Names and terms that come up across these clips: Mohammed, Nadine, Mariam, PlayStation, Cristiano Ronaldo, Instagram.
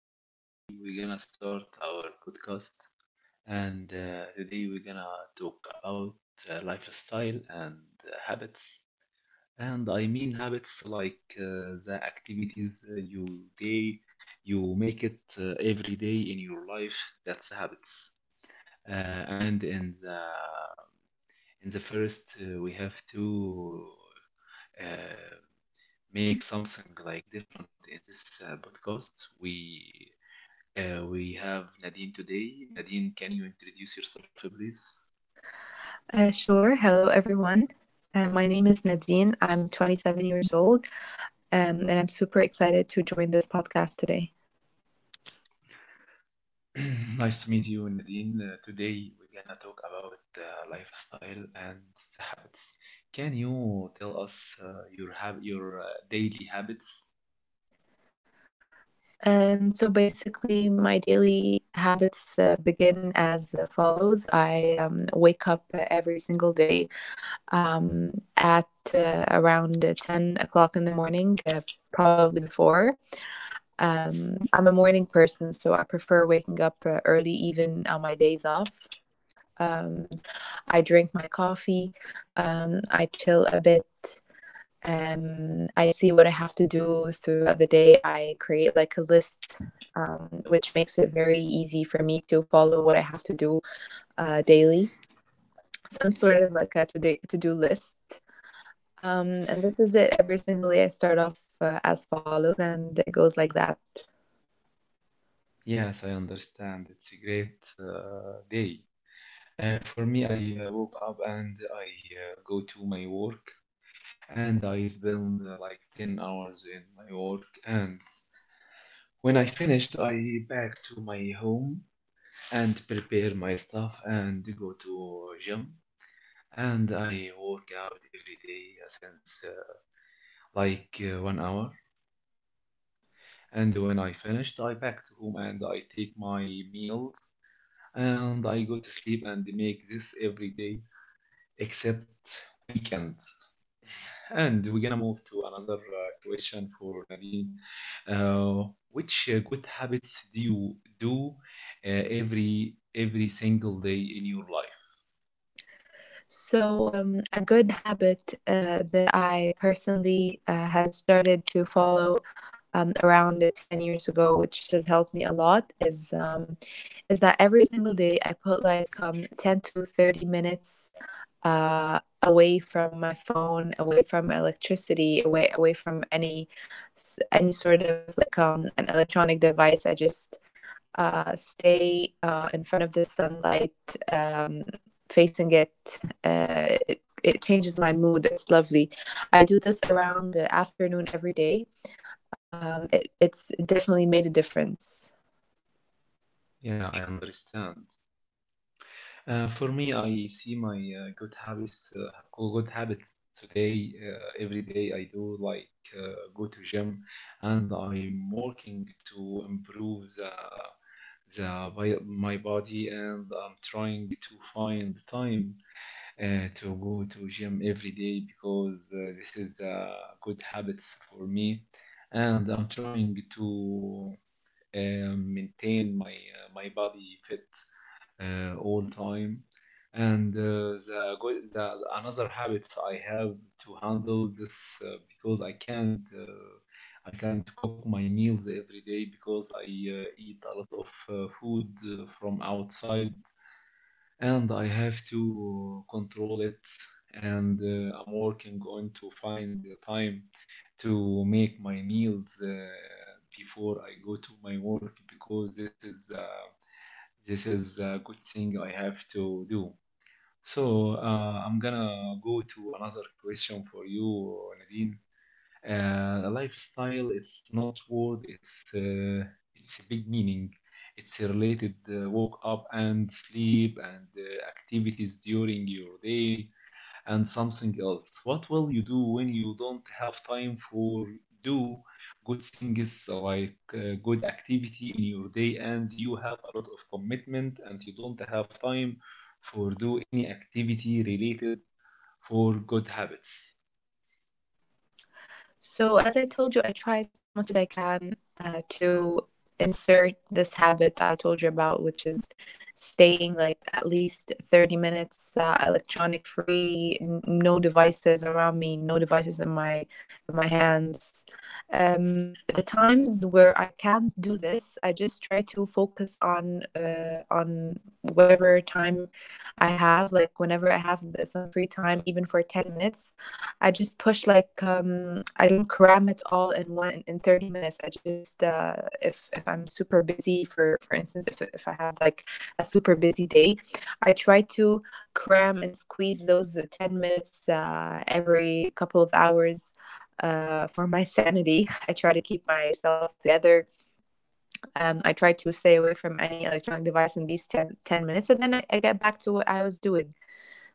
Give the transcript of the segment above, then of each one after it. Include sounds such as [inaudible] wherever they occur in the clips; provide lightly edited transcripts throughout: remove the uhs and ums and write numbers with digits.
Today we're gonna start our podcast, and today we're gonna talk about lifestyle and habits. And I mean habits like the activities you day you make it every day in your life. That's habits. And in the In the first, we have to uh, make something like different in this podcast. We have Nadine today. Nadine, can you introduce yourself, please? Sure. Hello, everyone. My name is Nadine. I'm 27 years old, and I'm super excited to join this podcast today. [clears throat] Nice to meet you, Nadine. Today we're gonna talk about lifestyle and the habits. Can you tell us your daily habits? So basically, my daily habits begin as follows. I wake up every single day at around 10 o'clock in the morning, probably before. I'm a morning person, so I prefer waking up early, even on my days off. Um, I drink my coffee. I chill a bit. I see what I have to do throughout the day. I create like a list, which makes it very easy for me to follow what I have to do daily, some sort of like a to do list. And this is it every single day. I start off as follows, and it goes like that. Yes, I understand. It's a great day. For me, I woke up and I go to my work and I spend like 10 hours in my work, and when I finished, I back to my home and prepare my stuff and go to gym, and I work out every day since like 1 hour. And when I finished I back to home and I take my meals and I go to sleep and make this every day except weekends. And we're gonna move to another question for Nadine. Uh, which uh, good habits do you do every single day in your life? So, a good habit that I personally has started to follow around 10 years ago, which has helped me a lot, is that every single day I put like 10 to 30 minutes away from my phone, away from electricity, away from any any sort of like an electronic device. I just stay in front of the sunlight, um, facing it. It changes my mood. It's lovely. I do this around the afternoon every day. It definitely made a difference. Yeah, I understand. For me, I see my good habits today. Every day I do like uh, go to gym, and I'm working to improve my body, and I'm trying to find time to go to gym every day because this is good habits for me, and I'm trying to maintain my my body fit all time. And the another habits I have to handle this, because I can't cook my meals every day because I eat a lot of food from outside, and I have to control it. And I'm working on to find the time to make my meals before I go to my work, because this is a good thing I have to do. So I'm gonna go to another question for you, Nadine. A lifestyle, it's not word, it's a big meaning. It's a related woke up and sleep and activities during your day and something else. What will you do when you don't have time for do good things like good activity in your day, and you have a lot of commitment and you don't have time for do any activity related for good habits? So, as I told you, I try as much as I can to insert this habit I told you about, which is staying like at least 30 minutes electronic free, no devices around me, no devices in my hands. The times where I can't do this, I just try to focus on whatever time I have, like whenever I have some free time, even for 10 minutes. I just push like I don't cram it all in 30 minutes. I just if I'm super busy for instance if I have like a super busy day, I try to cram and squeeze those 10 minutes every couple of hours for my sanity. [laughs] I try to keep myself together. I try to stay away from any electronic device in these ten minutes, and then I get back to what I was doing.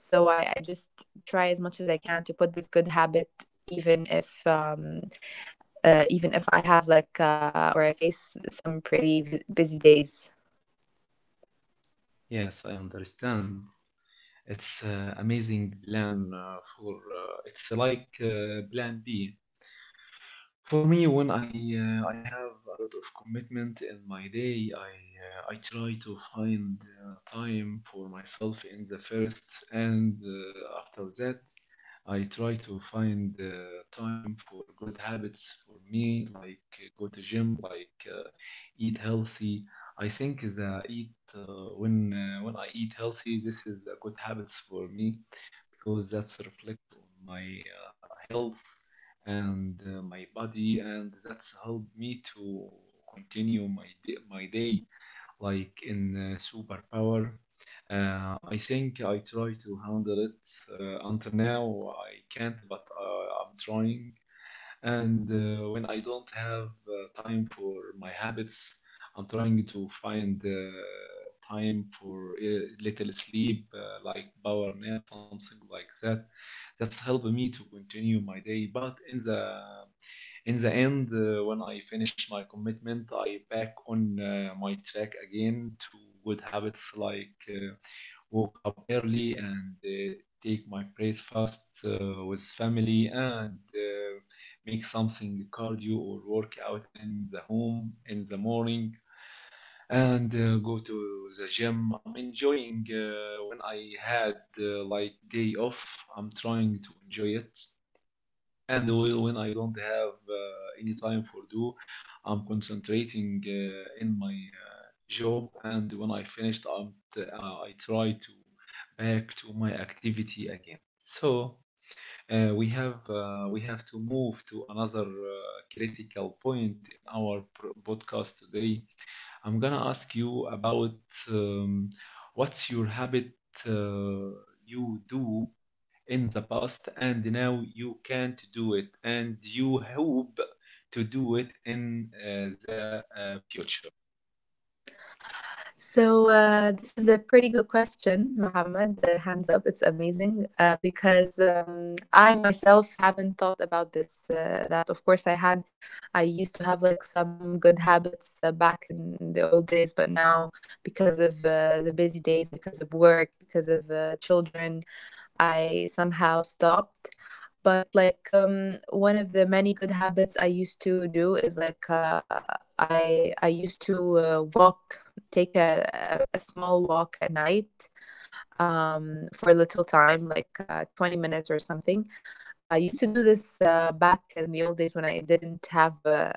So I just try as much as I can to put this good habit even if um, even if I have like, or I face some pretty busy days. Yes, I understand. It's amazing plan for it's like plan B for me. When I have a lot of commitment in my day, I try to find time for myself in the first, and after that, I try to find time for good habits for me, like go to gym, like eat healthy. I think the eat when I eat healthy, this is a good habits for me, because that's reflect on my health and my body, and that's helped me to continue my day like in superpower. I think I try to handle it until now I can't, but I'm trying. And when I don't have time for my habits, I'm trying to find time for little sleep, like power nap, something like that, that's helped me to continue my day. But in the end, when I finished my commitment, I back on my track again to good habits, like woke up early and take my breakfast with family, and make something cardio or workout in the home in the morning, and go to the gym. I'm enjoying when I had like day off. I'm trying to enjoy it. And when I don't have any time for do, I'm concentrating in my job. And when I finished, I try to back to my activity again. So we have to move to another critical point in our podcast today. I'm gonna ask you about um, what's your habit uh, you do in the past, and now you can't do it, and you hope to do it in the future. So this is a pretty good question, Mohammed. Hands up, it's amazing because I myself haven't thought about this. That, of course, I had. I used to have like some good habits back in the old days, but now because of the busy days, because of work, because of children, I somehow stopped. But like, one of the many good habits I used to do is like, I used to walk, take a small walk at night, for a little time, like 20 minutes or something. I used to do this back in the old days, when I didn't have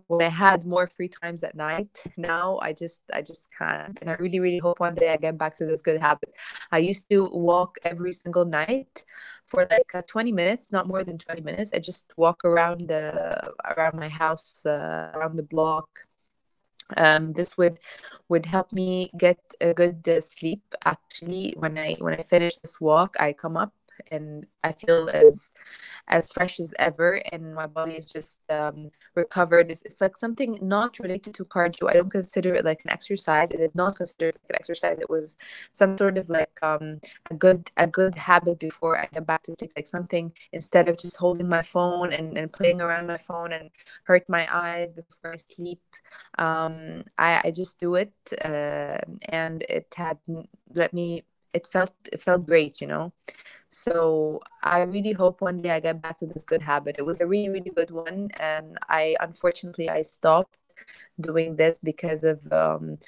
when I had more free times at night. Now I just can't, and I really really hope one day I get back to this good habit. I used to walk every single night for like 20 minutes, not more than 20 minutes. I just walk around my house, around the block. This would help me get a good sleep. Actually, when I finish this walk, I come up and I feel as fresh as ever, and my body is just recovered. It's like something not related to cardio. I don't consider it like an exercise. I did not consider it like an exercise. It was some sort of like a good habit before I get back to sleep, like something instead of just holding my phone, and playing around my phone, and hurt my eyes before I sleep. I just do it, and it had let me it felt great. So I really hope one day I get back to this good habit. It was a really, really good one. I unfortunately I stopped doing this because of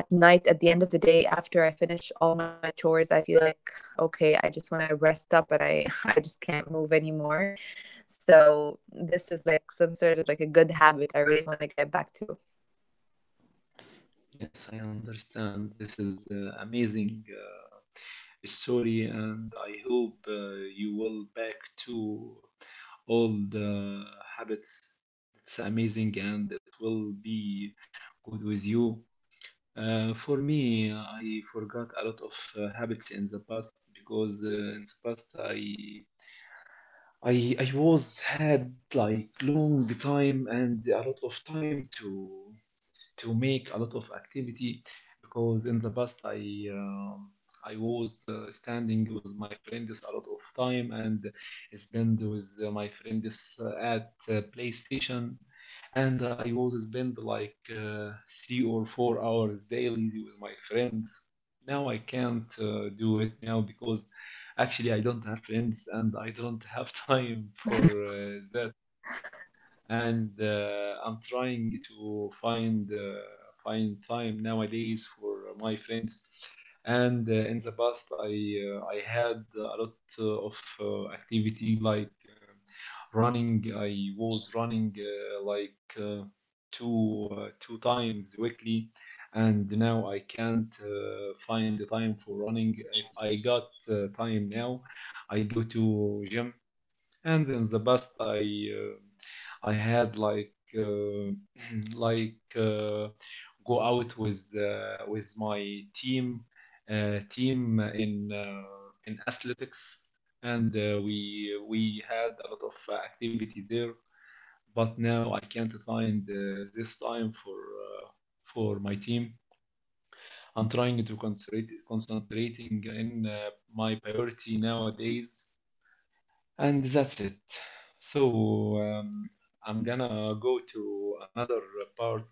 at night. At the end of the day, after I finish all my chores, I feel like, okay, I just want to rest up, and I [laughs] I just can't move anymore. So this is like some sort of like a good habit I really want to get back to. Yes, I understand. This is amazing story, and I hope you will back to all the habits. It's amazing and it will be good with you. For me, I forgot a lot of habits in the past, because in the past I was had like long time and a lot of time to make a lot of activity, because in the past um I was standing with my friends a lot of time and spend with my friends at PlayStation, and I was spend like 3 or 4 hours daily with my friends. Now I can't do it now, because actually, I don't have friends and I don't have [laughs] time for that, and I'm trying to find time nowadays for my friends. And in the past, I had a lot of activity like running. I was running like two times weekly, and now I can't find the time for running. If I got time now, I go to gym. And in the past I had like uh, [clears throat] like go out with my team in athletics, and we had a lot of activities there, but now I can't find this time for my team. I'm trying to concentrate concentrating in my priority nowadays, and that's it. So I'm gonna go to another part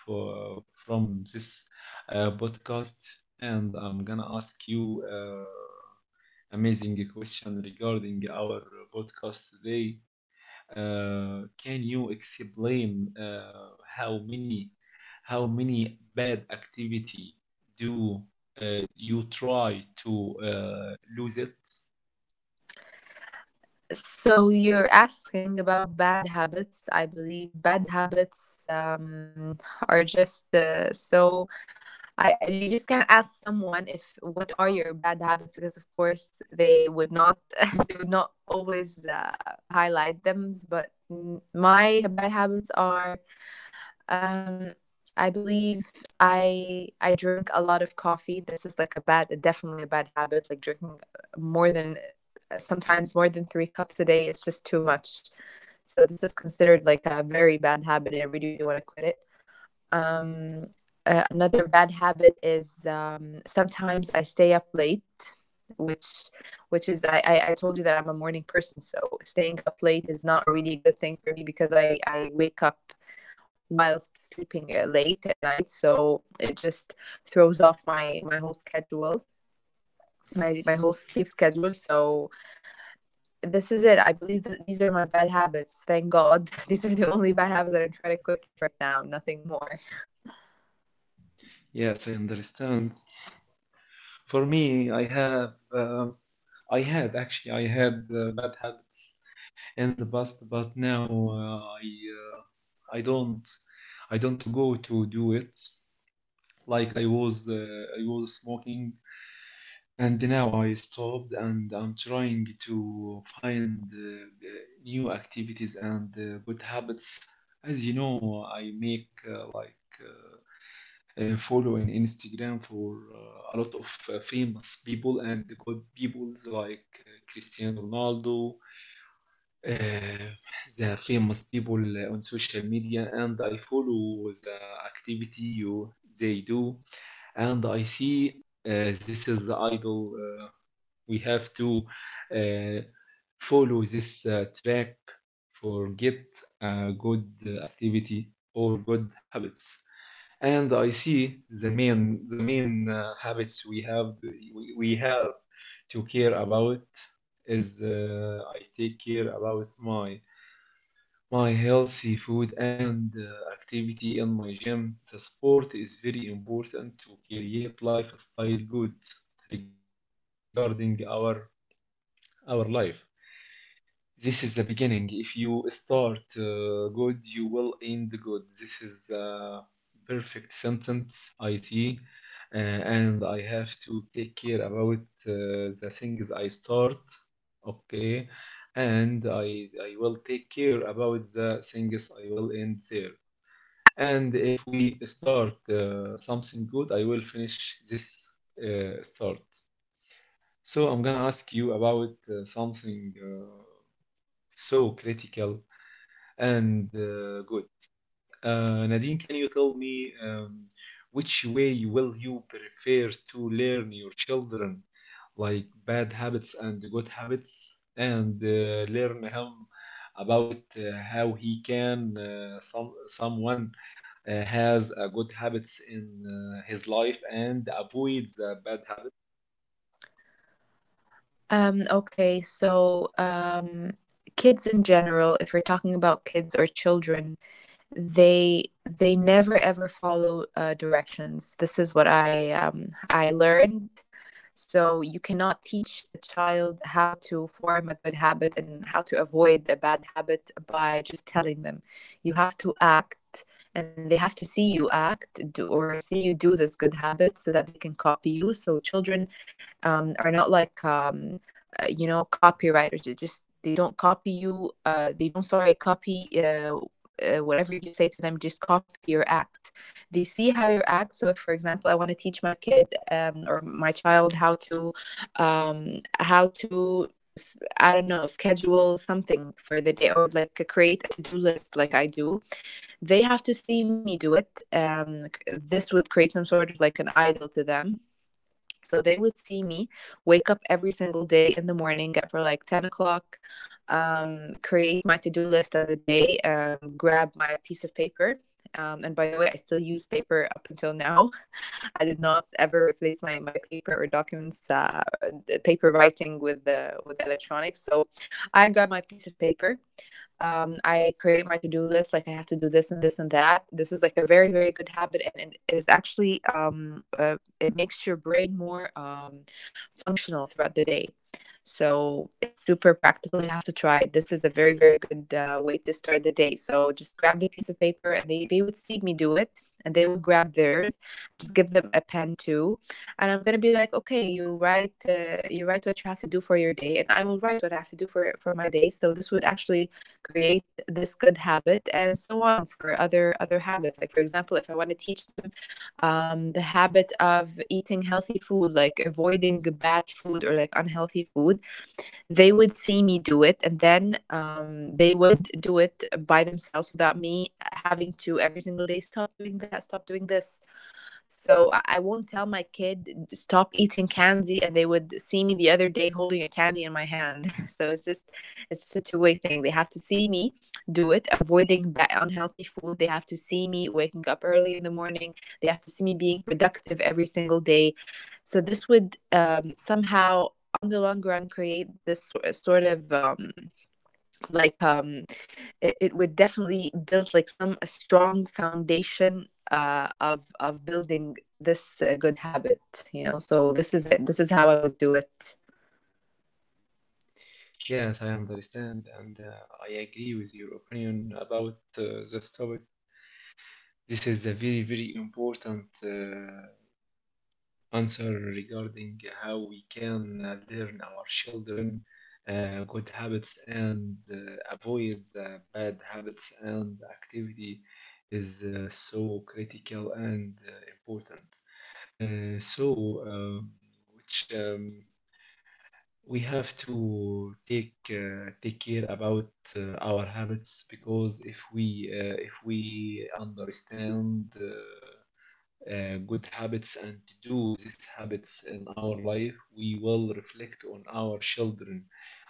for from this podcast, and I'm gonna ask you amazing question regarding our podcast today. Can you explain How many how many bad activity do you try to lose it? So you're asking about bad habits. I believe bad habits are just, you just can't ask someone if what are your bad habits, because of course they would not [laughs] they would not always highlight them. But my bad habits are, um, I believe I drink a lot of coffee. This is like a bad, definitely a bad habit. Like drinking more than, sometimes more than three cups a day, is just too much. So this is considered like a very bad habit. I really, really want to quit it. Um, Another bad habit is, sometimes I stay up late, which which is, I told you that I'm a morning person, so staying up late is not really a good thing for me, because I wake up whilst sleeping late at night, so it just throws off my whole schedule, my whole sleep schedule. So this is it. I believe that these are my bad habits, thank god. [laughs] These are the only bad habits that I'm trying to quit right now, nothing more. Yes, I understand. For me, I have, I had actually, I had bad habits in the past, but now I don't, I don't go to do it. Like I was smoking, and now I stopped, and I'm trying to find new activities and good habits. As you know, I make like follow in Instagram for a lot of famous people and good peoples like Cristiano Ronaldo, uh, the famous people on social media, and I follow the activity you they do, and I see this is the idol. We have to uh, follow this track for get good activity or good habits. And I see the main habits we have to care about is I take care about my healthy food and activity in my gym. The sport is very important to create lifestyle good regarding our life. This is the beginning. If you start good, you will end good. This is a perfect sentence, IT. And I have to take care about the things I start, okay? And I will take care about the things I will end there. And if we start something good, I will finish this start. So I'm gonna ask you about something. So critical and good. Nadine, can you tell me which way will you prefer to learn your children, like bad habits and good habits, and learn him about how he can someone has a good habits in his life and avoids a bad habit. Okay, so kids in general, if we're talking about kids or children, they never ever follow directions. This is what I learned. So you cannot teach a child how to form a good habit and how to avoid a bad habit by just telling them. You have to act, and they have to see you or see you do this good habit so that they can copy you. So children, are not like, copywriters. They don't copy you, they don't, sorry, copy, whatever you say to them, just copy your act. They see how you act. So if, for example, I want to teach my kid, or my child, how to, um, how to I don't know, schedule something for the day or like create a to-do list like I do, they have to see me do it. This would create some sort of like an idol to them. So they would see me wake up every single day in the morning at for like 10 o'clock, create my to do list of the day, grab my piece of paper. And by the way, I still use paper up until now. [laughs] I did not ever replace my paper or documents, paper writing with electronics. So I grab my piece of paper. I create my to do list. Like, I have to do this and this and that. This is like a very, very good habit, and it is actually, it makes your brain more functional throughout the day. So it's super practical. You have to try it. This is a very, very good way to start the day. So just grab the piece of paper, and they would see me do it, and they would grab theirs, and just give them a pen too. And I'm gonna be like, okay, you write what you have to do for your day, and I will write what I have to do for my day. So this would actually create this good habit, and so on for other habits. Like, for example, if I want to teach them the habit of eating healthy food, like avoiding bad food or like unhealthy food, they would see me do it. And then, they would do it by themselves without me having to every single day stop doing that, stop doing this. So I won't tell my kid stop eating candy, and they would see me the other day holding a candy in my hand. [laughs] So it's just a two-way thing. They have to see me do it, avoiding bad unhealthy food. They have to see me waking up early in the morning. They have to see me being productive every single day. So this would, somehow, on the long run, create this sort of, like um, it would definitely build like some a strong foundation of building this good habit. So this is it. This is how I would do it. Yes, I understand, and I agree with your opinion about this topic. This is a very, very important answer regarding how we can learn our children good habits and avoid the bad habits and activity is so critical and important. So, which We have to take take care about our habits, because if we understand good habits and to do these habits in our life, we will reflect on our children.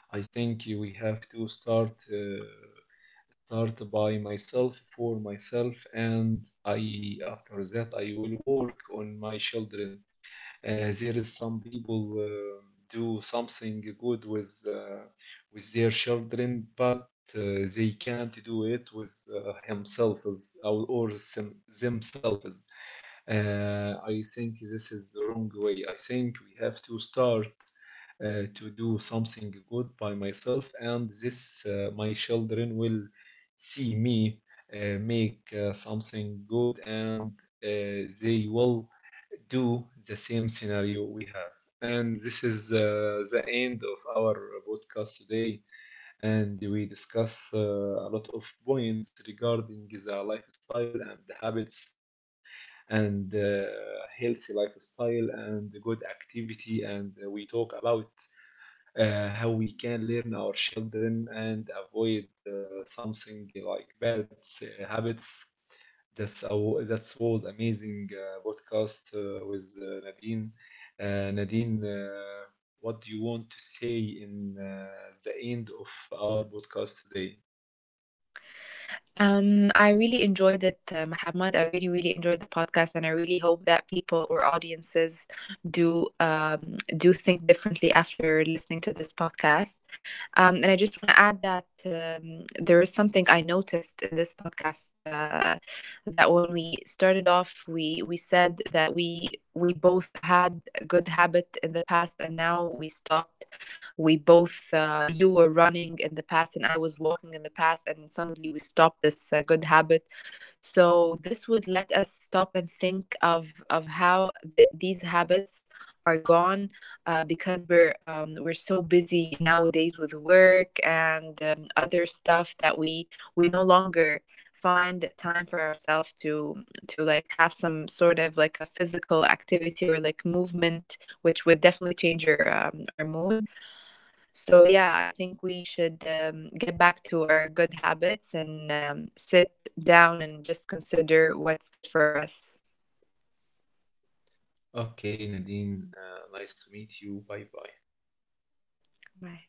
I think we have to start by myself for myself, and I after that I will work on my children. There is some people do something good with their children, but uh, they can't do it with himself, or themselves. I think this is the wrong way. I think we have to start to do something good by myself, and this my children will see me make something good, and they will do the same scenario we have. And this is the end of our podcast today, and we discuss a lot of points regarding the lifestyle and the habits, and healthy lifestyle and good activity, and we talk about how we can learn our children and avoid something like bad habits. That was amazing podcast with Nadine. Nadine, what do you want to say in the end of our podcast today? I really enjoyed it, Muhammad. I really, really enjoyed the podcast, and I really hope that people or audiences do think differently after listening to this podcast. And I just want to add that there is something I noticed in this podcast that when we started off, we said that we both had a good habit in the past, and now we stopped. We both, you were running in the past, and I was walking in the past, and suddenly we stopped this good habit. So this would let us stop and think of how these habits are gone, because we're so busy nowadays with work and other stuff, that we no longer find time for ourselves to like have some sort of like a physical activity or like movement, which would definitely change your our mood. So, yeah, I think we should, get back to our good habits and, sit down and just consider what's good for us. Okay, Nadine, nice to meet you. Bye bye. Bye.